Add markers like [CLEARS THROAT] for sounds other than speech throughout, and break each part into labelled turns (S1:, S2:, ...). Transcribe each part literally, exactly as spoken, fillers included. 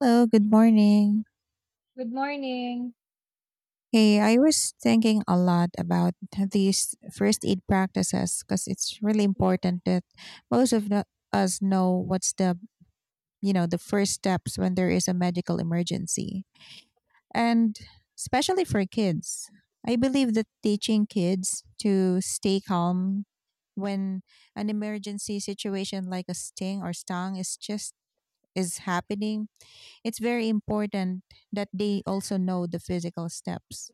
S1: Hello, good morning.
S2: Good morning.
S1: Hey, I was thinking a lot about these first aid practices because it's really important that most of the, us know what's the, you know, the first steps when there is a medical emergency. And especially for kids. I believe that teaching kids to stay calm when an emergency situation like a sting or stung is just is happening, it's very important that they also know the physical steps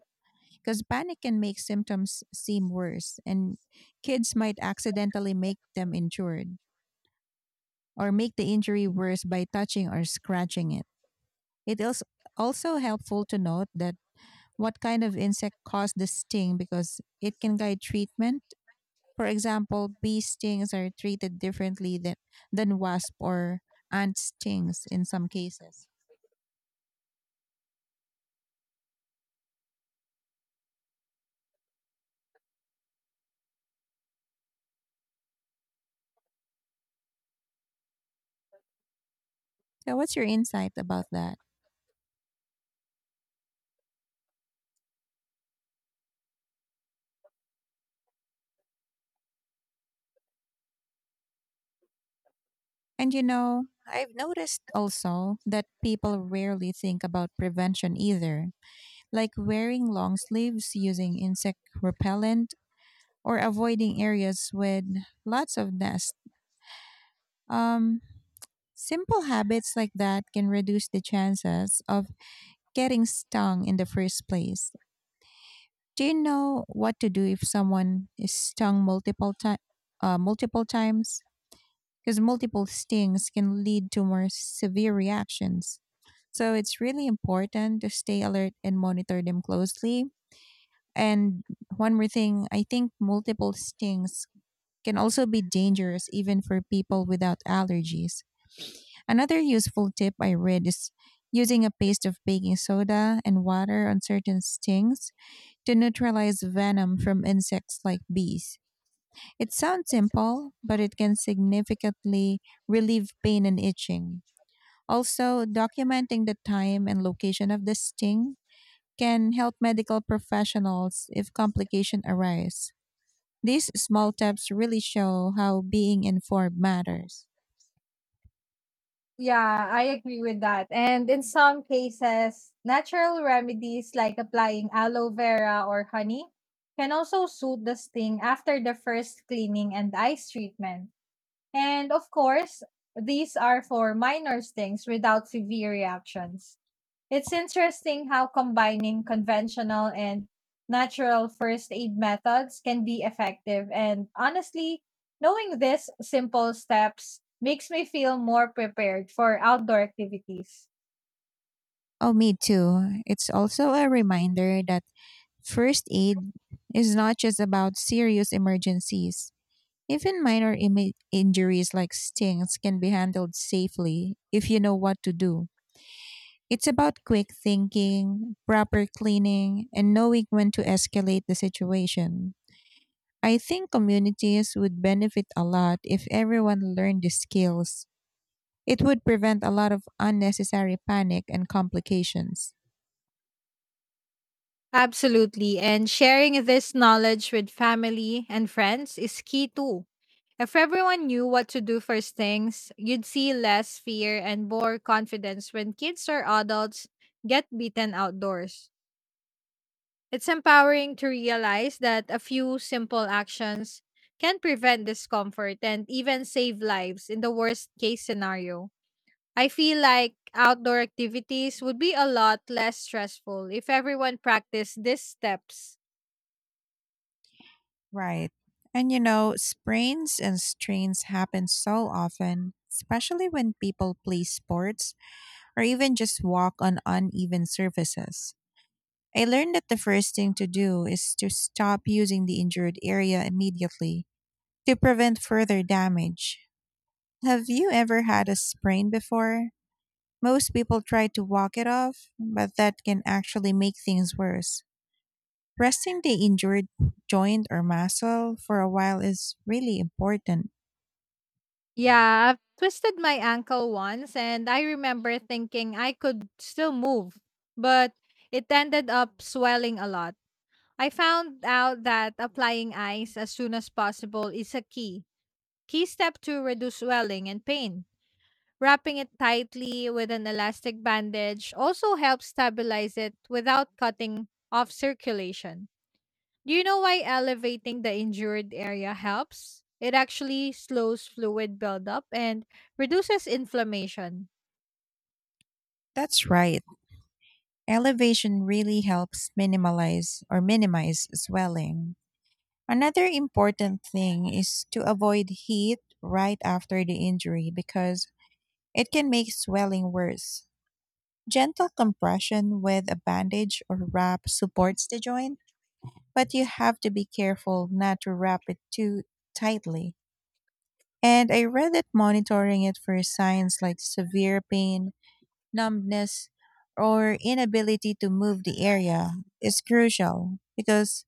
S1: because panic can make symptoms seem worse and kids might accidentally make them injured or make the injury worse by touching or scratching it. It is also helpful to note that what kind of insect caused the sting because it can guide treatment. For example, bee stings are treated differently than, than wasp or ant stings in some cases. So what's your insight about that? And you know, I've noticed also that people rarely think about prevention either, like wearing long sleeves, using insect repellent, or avoiding areas with lots of nests. Um, Simple habits like that can reduce the chances of getting stung in the first place. Do you know what to do if someone is stung multiple times? uh, multiple times? Because multiple stings can lead to more severe reactions. So it's really important to stay alert and monitor them closely. And one more thing, I think multiple stings can also be dangerous even for people without allergies. Another useful tip I read is using a paste of baking soda and water on certain stings to neutralize venom from insects like bees. It sounds simple, but it can significantly relieve pain and itching. Also, documenting the time and location of the sting can help medical professionals if complications arise. These small tips really show how being informed matters.
S2: Yeah, I agree with that. And in some cases, natural remedies like applying aloe vera or honey can also soothe the sting after the first cleaning and ice treatment. And of course, these are for minor stings without severe reactions. It's interesting how combining conventional and natural first aid methods can be effective. And honestly, knowing these simple steps makes me feel more prepared for outdoor activities.
S1: Oh, me too. It's also a reminder that first aid is not just about serious emergencies. Even minor imi- injuries like stings can be handled safely if you know what to do. It's about quick thinking, proper cleaning, and knowing when to escalate the situation. I think communities would benefit a lot if everyone learned these skills. It would prevent a lot of unnecessary panic and complications.
S2: Absolutely. And sharing this knowledge with family and friends is key too. If everyone knew what to do first things, you'd see less fear and more confidence when kids or adults get beaten outdoors. It's empowering to realize that a few simple actions can prevent discomfort and even save lives in the worst case scenario. I feel like outdoor activities would be a lot less stressful if everyone practiced these steps.
S1: Right. And you know, sprains and strains happen so often, especially when people play sports or even just walk on uneven surfaces. I learned that the first thing to do is to stop using the injured area immediately to prevent further damage. Have you ever had a sprain before? Most people try to walk it off, but that can actually make things worse. Resting the injured joint or muscle for a while is really important.
S2: Yeah, I've twisted my ankle once and I remember thinking I could still move, but it ended up swelling a lot. I found out that applying ice as soon as possible is a key Key step to reduce swelling and pain. Wrapping it tightly with an elastic bandage also helps stabilize it without cutting off circulation. Do you know why elevating the injured area helps? It actually slows fluid buildup and reduces inflammation.
S1: That's right. Elevation really helps minimize or minimize swelling. Another important thing is to avoid heat right after the injury because it can make swelling worse. Gentle compression with a bandage or wrap supports the joint, but you have to be careful not to wrap it too tightly. And I read that monitoring it for signs like severe pain, numbness, or inability to move the area is crucial because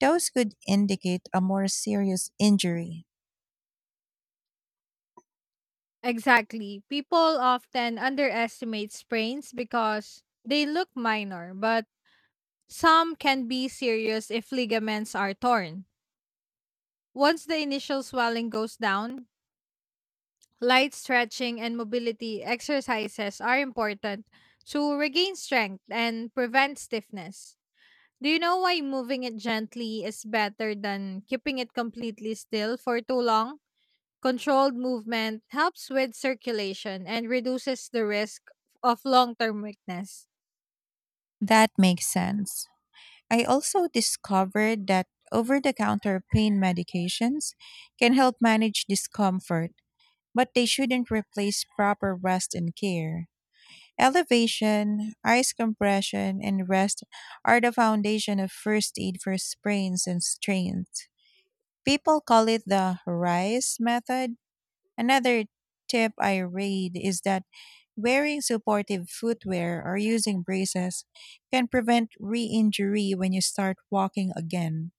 S1: those could indicate a more serious injury.
S2: Exactly. People often underestimate sprains because they look minor, but some can be serious if ligaments are torn. Once the initial swelling goes down, light stretching and mobility exercises are important to regain strength and prevent stiffness. Do you know why moving it gently is better than keeping it completely still for too long? Controlled movement helps with circulation and reduces the risk of long term weakness.
S1: That makes sense. I also discovered that over the counter pain medications can help manage discomfort, but they shouldn't replace proper rest and care. Elevation, ice compression, and rest are the foundation of first aid for sprains and strains. People call it the RISE method. Another tip I read is that wearing supportive footwear or using braces can prevent re injury when you start walking again.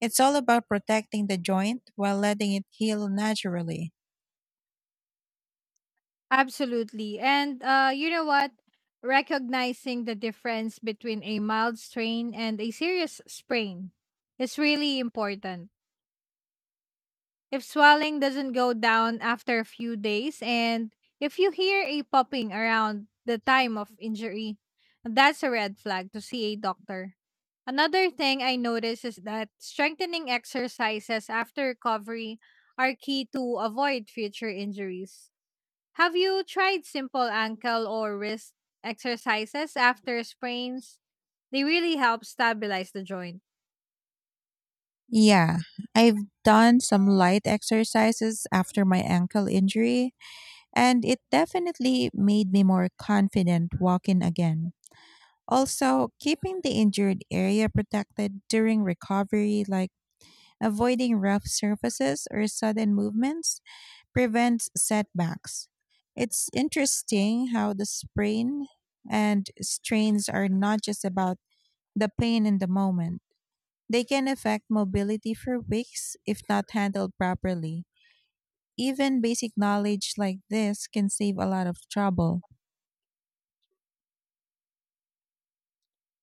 S1: It's all about protecting the joint while letting it heal naturally.
S2: Absolutely. And uh, you know what? Recognizing the difference between a mild strain and a serious sprain is really important. If swelling doesn't go down after a few days, and if you hear a popping around the time of injury, that's a red flag to see a doctor. Another thing I notice is that strengthening exercises after recovery are key to avoid future injuries. Have you tried simple ankle or wrist exercises after sprains? They really help stabilize the joint.
S1: Yeah, I've done some light exercises after my ankle injury, and it definitely made me more confident walking again. Also, keeping the injured area protected during recovery, like avoiding rough surfaces or sudden movements, prevents setbacks. It's interesting how the sprain and strains are not just about the pain in the moment. They can affect mobility for weeks if not handled properly. Even basic knowledge like this can save a lot of trouble.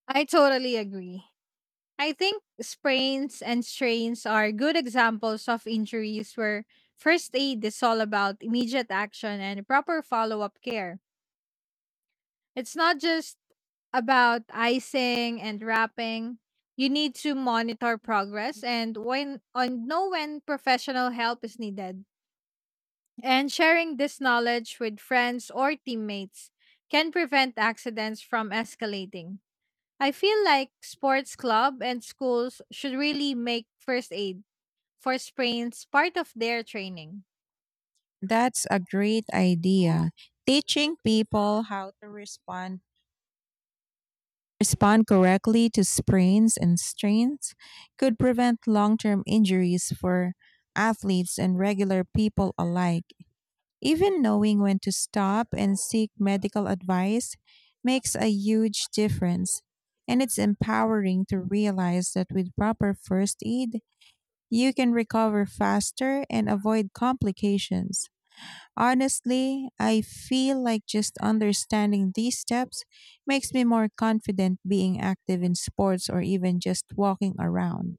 S2: I totally agree. I think sprains and strains are good examples of injuries where first aid is all about immediate action and proper follow up care. It's not just about icing and wrapping. You need to monitor progress and when on know when professional help is needed. And sharing this knowledge with friends or teammates can prevent accidents from escalating. I feel like sports club and schools should really make first aid for sprains part of their training.
S1: That's a great idea, teaching people how to respond respond correctly to sprains and strains could prevent long term injuries for athletes and regular people alike. Even knowing when to stop and seek medical advice makes a huge difference. And it's empowering to realize that with proper first aid, you can recover faster and avoid complications. Honestly, I feel like just understanding these steps makes me more confident being active in sports or even just walking around.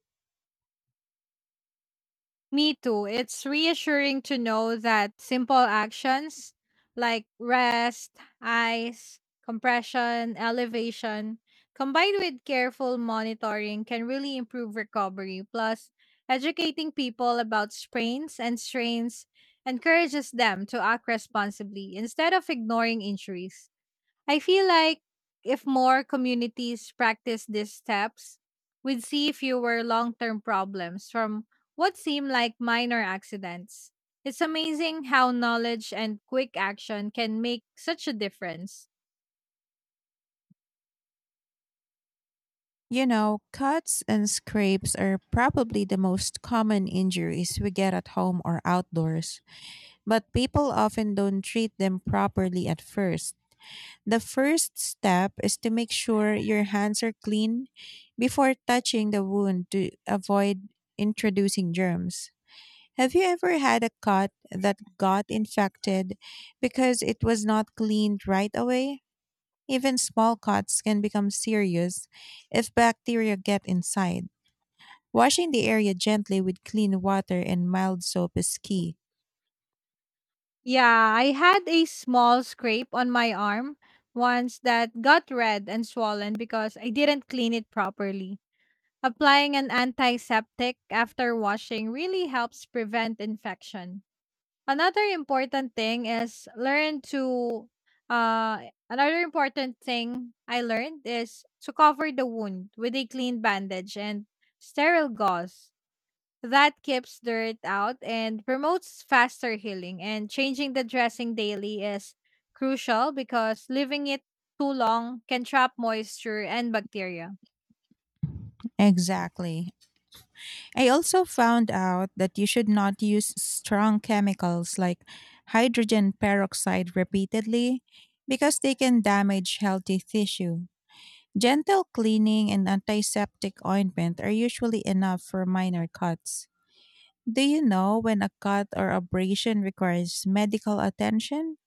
S2: Me too. It's reassuring to know that simple actions like rest, ice, compression, elevation, combined with careful monitoring can really improve recovery. Plus, educating people about sprains and strains encourages them to act responsibly instead of ignoring injuries. I feel like if more communities practice these steps, we'd see fewer long term problems from what seem like minor accidents. It's amazing how knowledge and quick action can make such a difference.
S1: You know, cuts and scrapes are probably the most common injuries we get at home or outdoors, but people often don't treat them properly at first. The first step is to make sure your hands are clean before touching the wound to avoid introducing germs. Have you ever had a cut that got infected because it was not cleaned right away? Even small cuts can become serious if bacteria get inside. Washing the area gently with clean water and mild soap is key.
S2: Yeah, I had a small scrape on my arm once that got red and swollen because I didn't clean it properly. Applying an antiseptic after washing really helps prevent infection. Another important thing is learn to uh another important thing I learned is to cover the wound with a clean bandage and sterile gauze. That keeps dirt out and promotes faster healing, and changing the dressing daily is crucial because leaving it too long can trap moisture and bacteria.
S1: Exactly. I also found out that you should not use strong chemicals like hydrogen peroxide repeatedly because they can damage healthy tissue. Gentle cleaning and antiseptic ointment are usually enough for minor cuts. Do you know when a cut or abrasion requires medical attention?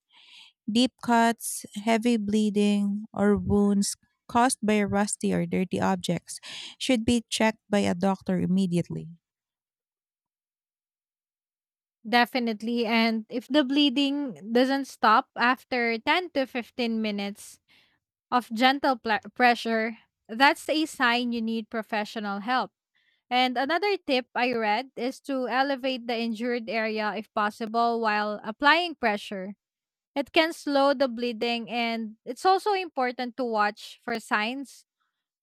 S1: Deep cuts, heavy bleeding, or wounds caused by rusty or dirty objects should be checked by a doctor immediately.
S2: Definitely. And if the bleeding doesn't stop after ten to fifteen minutes of gentle pla pressure, that's a sign you need professional help. And another tip I read is to elevate the injured area if possible while applying pressure. It can slow the bleeding, and it's also important to watch for signs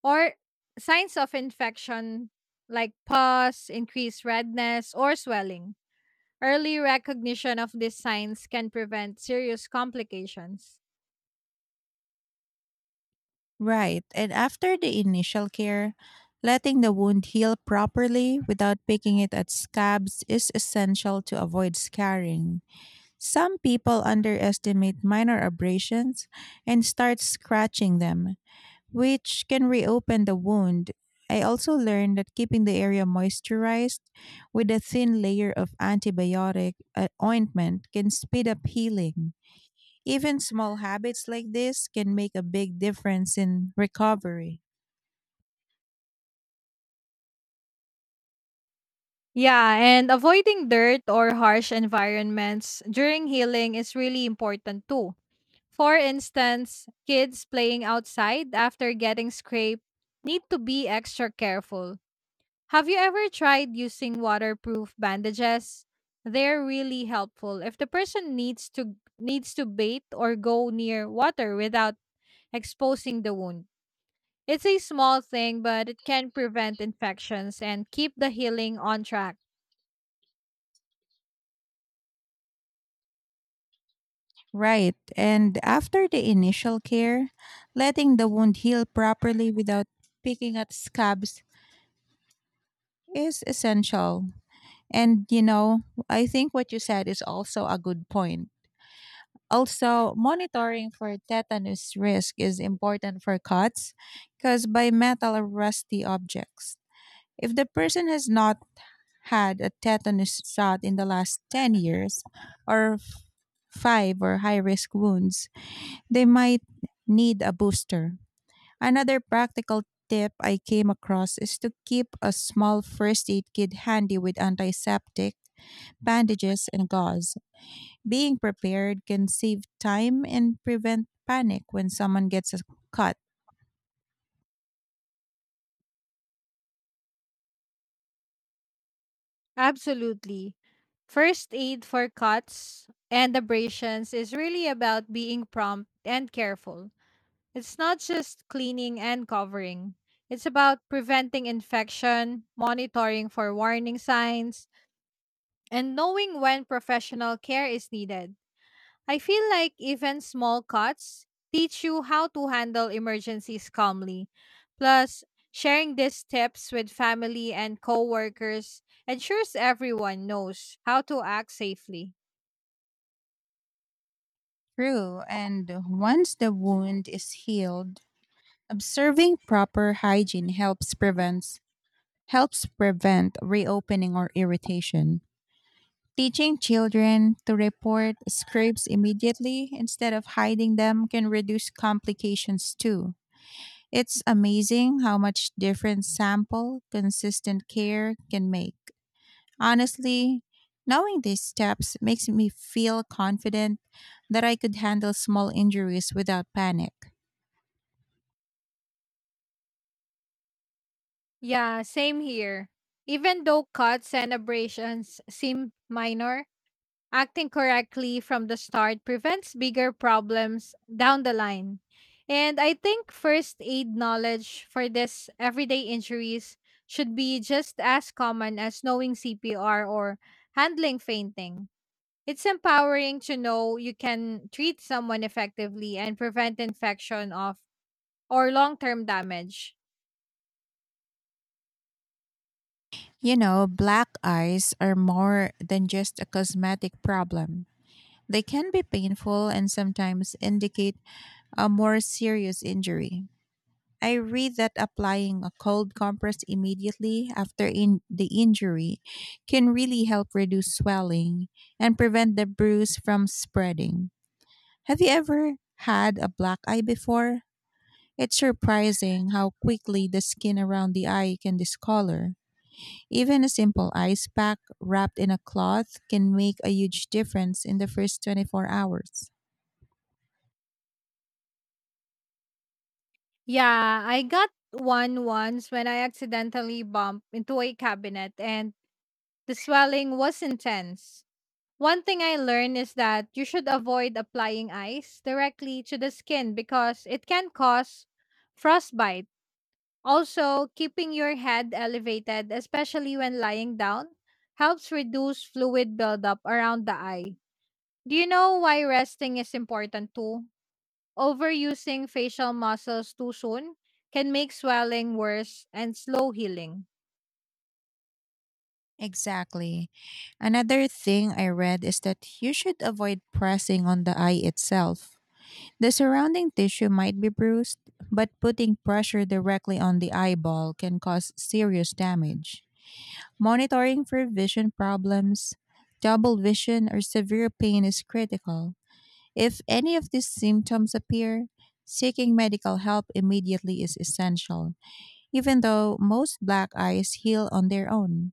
S2: or signs of infection like pus, increased redness, or swelling. Early recognition of these signs can prevent serious complications.
S1: Right, and after the initial care, letting the wound heal properly without picking it at scabs is essential to avoid scarring. Some people underestimate minor abrasions and start scratching them, which can reopen the wound. I also learned that keeping the area moisturized with a thin layer of antibiotic uh, ointment can speed up healing. Even small habits like this can make a big difference in recovery.
S2: Yeah, and avoiding dirt or harsh environments during healing is really important too. For instance, kids playing outside after getting scraped need to be extra careful. Have you ever tried using waterproof bandages? They're really helpful if the person needs to needs to bathe or go near water without exposing the wound. It's a small thing, but it can prevent infections and keep the healing on track.
S1: Right, and after the initial care, letting the wound heal properly without picking at scabs is essential. And you know, I think what you said is also a good point. Also, monitoring for tetanus risk is important for cuts caused by metal or rusty objects. If the person has not had a tetanus shot in the last ten years or f- five or high risk wounds, they might need a booster. Another practical tip I came across is to keep a small first aid kit handy with antiseptic, bandages, and gauze. Being prepared can save time and prevent panic when someone gets a cut.
S2: Absolutely. First aid for cuts and abrasions is really about being prompt and careful. It's not just cleaning and covering, it's about preventing infection, monitoring for warning signs, and knowing when professional care is needed. I feel like even small cuts teach you how to handle emergencies calmly. Plus, sharing these tips with family and coworkers ensures everyone knows how to act safely.
S1: True, and once the wound is healed, observing proper hygiene helps prevents helps prevent reopening or irritation. Teaching children to report scrapes immediately instead of hiding them can reduce complications too. It's amazing how much different sample consistent care can make. Honestly, knowing these steps makes me feel confident that I could handle small injuries without panic.
S2: Yeah, same here. Even though cuts and abrasions seem minor, acting correctly from the start prevents bigger problems down the line. And I think first aid knowledge for this everyday injuries should be just as common as knowing C P R or handling fainting. It's empowering to know you can treat someone effectively and prevent infection of or long-term damage.
S1: You know, black eyes are more than just a cosmetic problem. They can be painful and sometimes indicate a more serious injury. I read that applying a cold compress immediately after in the injury can really help reduce swelling and prevent the bruise from spreading. Have you ever had a black eye before? It's surprising how quickly the skin around the eye can discolor. Even a simple ice pack wrapped in a cloth can make a huge difference in the first twenty-four hours.
S2: Yeah, I got one once when I accidentally bumped into a cabinet and the swelling was intense. One thing I learned is that you should avoid applying ice directly to the skin because it can cause frostbite. Also, keeping your head elevated, especially when lying down, helps reduce fluid buildup around the eye. Do you know why resting is important too? Overusing facial muscles too soon can make swelling worse and slow healing.
S1: Exactly. Another thing I read is that you should avoid pressing on the eye itself. The surrounding tissue might be bruised, but putting pressure directly on the eyeball can cause serious damage. Monitoring for vision problems, double vision, or severe pain is critical. If any of these symptoms appear, seeking medical help immediately is essential, even though most black eyes heal on their own.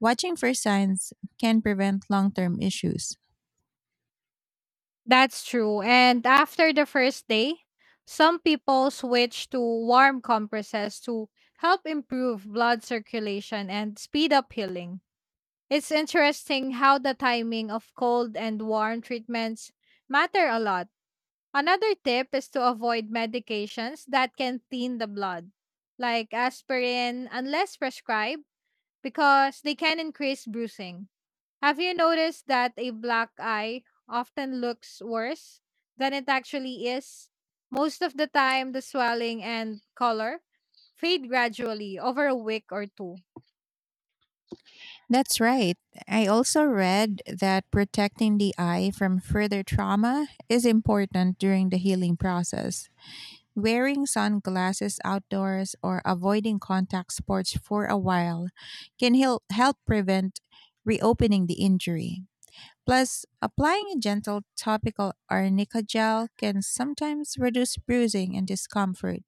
S1: Watching for signs can prevent long term issues.
S2: That's true. And after the first day, some people switch to warm compresses to help improve blood circulation and speed up healing. It's interesting how the timing of cold and warm treatments matter a lot. Another tip is to avoid medications that can thin the blood, like aspirin, unless prescribed, because they can increase bruising. Have you noticed that a black eye often looks worse than it actually is? Most of the time, the swelling and color fade gradually over a week or two.
S1: That's right. I also read that protecting the eye from further trauma is important during the healing process. Wearing sunglasses outdoors or avoiding contact sports for a while can hel- help prevent reopening the injury. Plus, applying a gentle topical arnica gel can sometimes reduce bruising and discomfort.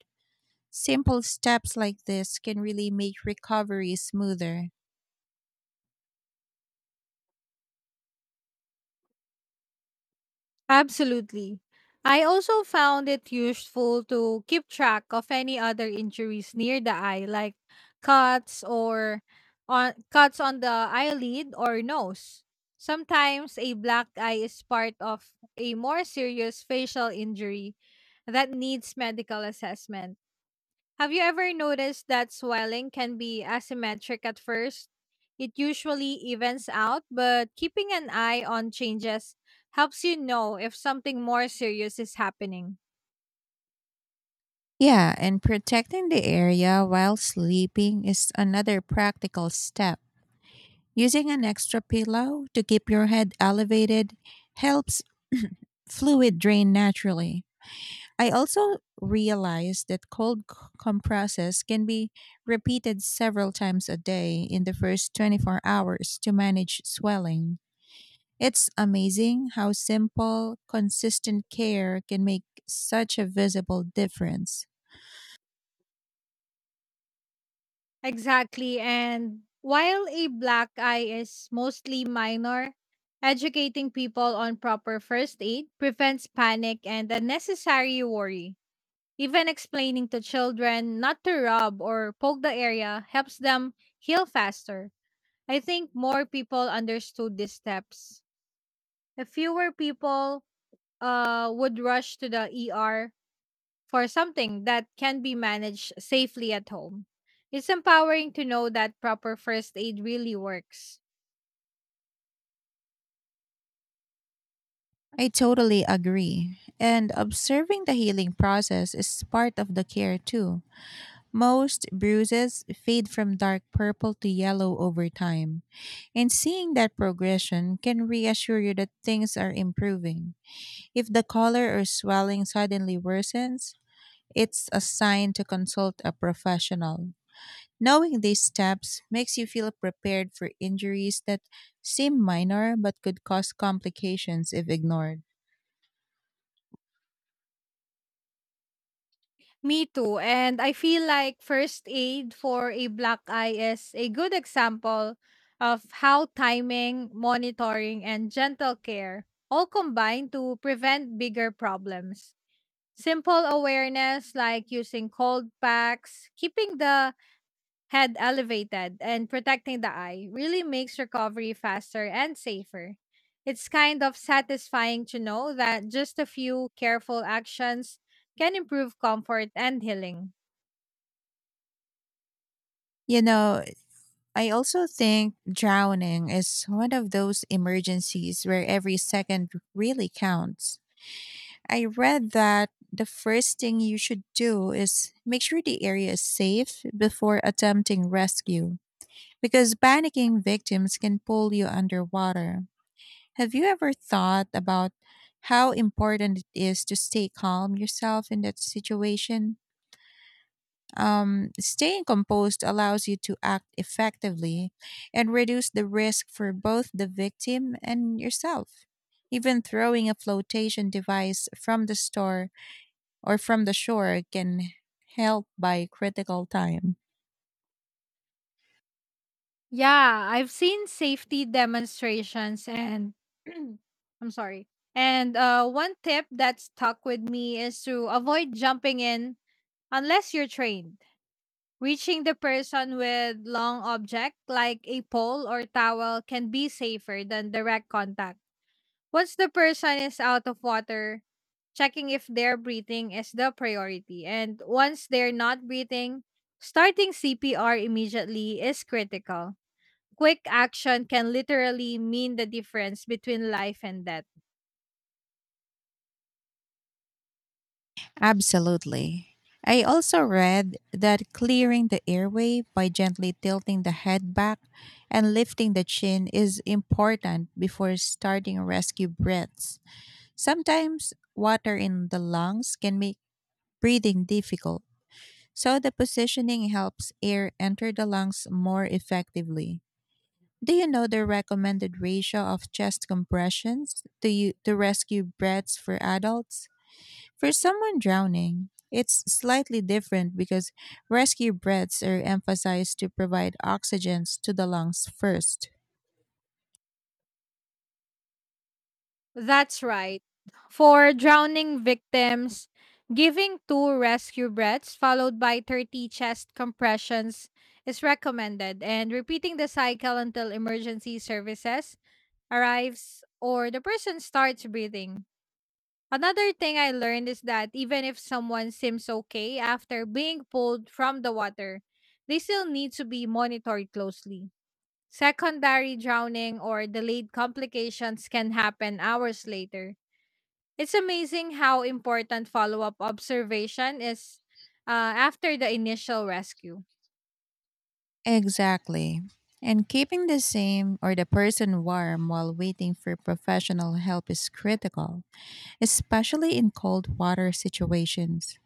S1: Simple steps like this can really make recovery smoother.
S2: Absolutely. I also found it useful to keep track of any other injuries near the eye, like cuts or on cuts on the eyelid or nose. Sometimes a black eye is part of a more serious facial injury that needs medical assessment. Have you ever noticed that swelling can be asymmetric at first? It usually evens out, but keeping an eye on changes helps you know if something more serious is happening.
S1: Yeah, and protecting the area while sleeping is another practical step. Using an extra pillow to keep your head elevated helps fluid drain naturally. I also realized that cold c- compresses can be repeated several times a day in the first twenty-four hours to manage swelling. It's amazing how simple, consistent care can make such a visible difference.
S2: Exactly, and while a black eye is mostly minor, educating people on proper first aid prevents panic and unnecessary worry. Even explaining to children not to rub or poke the area helps them heal faster. I think more people understood these steps. If fewer people uh, would rush to the E R for something that can be managed safely at home. It's empowering to know that proper first aid really works.
S1: I totally agree. And observing the healing process is part of the care too. Most bruises fade from dark purple to yellow over time, and seeing that progression can reassure you that things are improving. If the color or swelling suddenly worsens, it's a sign to consult a professional. Knowing these steps makes you feel prepared for injuries that seem minor but could cause complications if ignored.
S2: Me too. And I feel like first aid for a black eye is a good example of how timing, monitoring, and gentle care all combine to prevent bigger problems. Simple awareness like using cold packs, keeping the head elevated, and protecting the eye really makes recovery faster and safer. It's kind of satisfying to know that just a few careful actions can improve comfort and healing.
S1: You know, I also think drowning is one of those emergencies where every second really counts. I read that the first thing you should do is make sure the area is safe before attempting rescue, because panicking victims can pull you underwater. Have you ever thought about how important it is to stay calm yourself in that situation? Um, staying composed allows you to act effectively and reduce the risk for both the victim and yourself. Even throwing a flotation device from the store or from the shore can help by critical time.
S2: Yeah, I've seen safety demonstrations and [CLEARS THROAT] I'm sorry. And uh, one tip that stuck with me is to avoid jumping in unless you're trained. Reaching the person with long object like a pole or towel can be safer than direct contact. Once the person is out of water, checking if they're breathing is the priority. And once they're not breathing, starting C P R immediately is critical. Quick action can literally mean the difference between life and death.
S1: Absolutely. I also read that clearing the airway by gently tilting the head back and lifting the chin is important before starting rescue breaths. Sometimes water in the lungs can make breathing difficult, so the positioning helps air enter the lungs more effectively. Do you know the recommended ratio of chest compressions to, you, to rescue breaths for adults? For someone drowning, it's slightly different because rescue breaths are emphasized to provide oxygen to the lungs first.
S2: That's right. For drowning victims, giving two rescue breaths followed by thirty chest compressions is recommended, and repeating the cycle until emergency services arrives or the person starts breathing. Another thing I learned is that even if someone seems okay after being pulled from the water, they still need to be monitored closely. Secondary drowning or delayed complications can happen hours later. It's amazing how important follow up observation is uh, after the initial rescue.
S1: Exactly. And keeping the same or the person warm while waiting for professional help is critical, especially in cold water situations.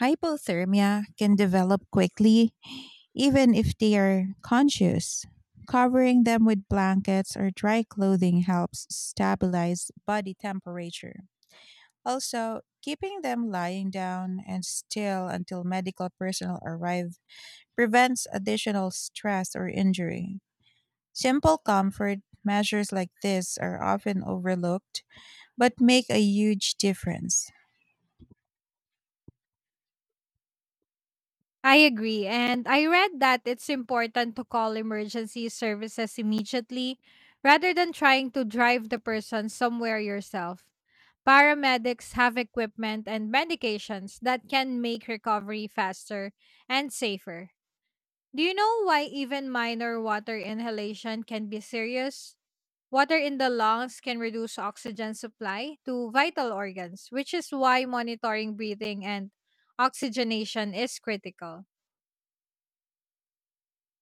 S1: Hypothermia can develop quickly, even if they are conscious. Covering them with blankets or dry clothing helps stabilize body temperature. Also, keeping them lying down and still until medical personnel arrive prevents additional stress or injury. Simple comfort measures like this are often overlooked but make a huge difference.
S2: I agree. And I read that it's important to call emergency services immediately rather than trying to drive the person somewhere yourself. Paramedics have equipment and medications that can make recovery faster and safer. Do you know why even minor water inhalation can be serious? Water in the lungs can reduce oxygen supply to vital organs, which is why monitoring breathing and oxygenation is critical.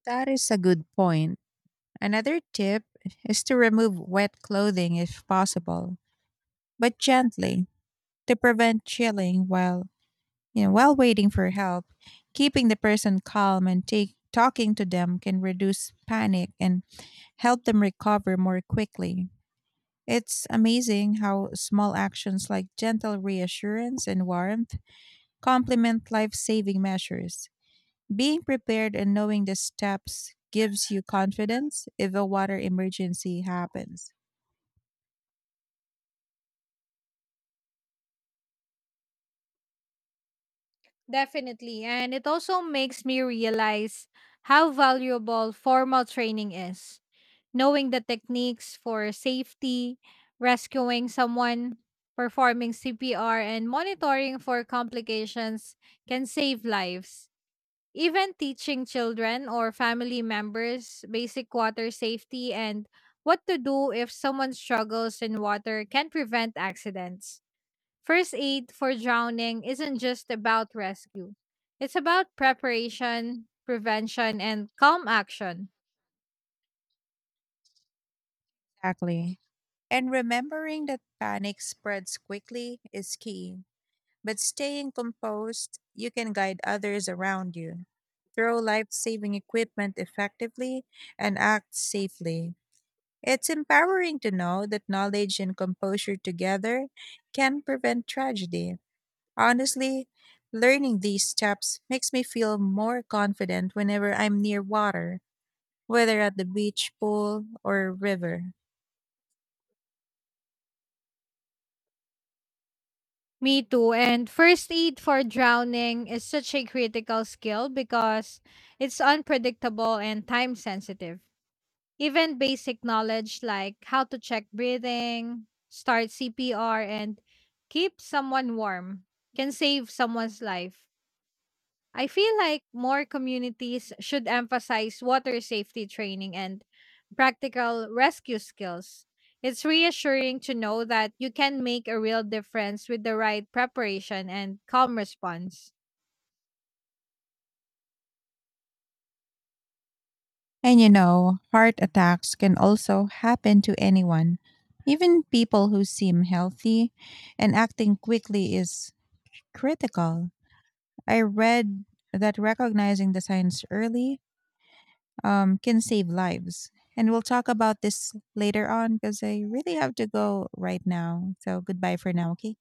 S1: That is a good point. Another tip is to remove wet clothing if possible, but gently to prevent chilling while, you know, while waiting for help. Keeping the person calm and take, talking to them can reduce panic and help them recover more quickly. It's amazing how small actions like gentle reassurance and warmth complement life saving measures. Being prepared and knowing the steps gives you confidence if a water emergency happens.
S2: Definitely. And it also makes me realize how valuable formal training is. Knowing the techniques for safety, rescuing someone, performing C P R, and monitoring for complications can save lives. Even teaching children or family members basic water safety and what to do if someone struggles in water can prevent accidents. First aid for drowning isn't just about rescue, it's about preparation, prevention, and calm action.
S1: Exactly. And remembering that panic spreads quickly is key. But staying composed, you can guide others around you, throw life saving equipment effectively, and act safely. It's empowering to know that knowledge and composure together can prevent tragedy. Honestly, learning these steps makes me feel more confident whenever I'm near water, whether at the beach, pool, or river.
S2: Me too. And first aid for drowning is such a critical skill because it's unpredictable and time sensitive. Even basic knowledge like how to check breathing, start C P R, and keep someone warm can save someone's life. I feel like more communities should emphasize water safety training and practical rescue skills. It's reassuring to know that you can make a real difference with the right preparation and calm response.
S1: And you know, heart attacks can also happen to anyone. Even people who seem healthy and acting quickly is critical. I read that recognizing the signs early, um, can save lives. And we'll talk about this later on because I really have to go right now. So goodbye for now, okay?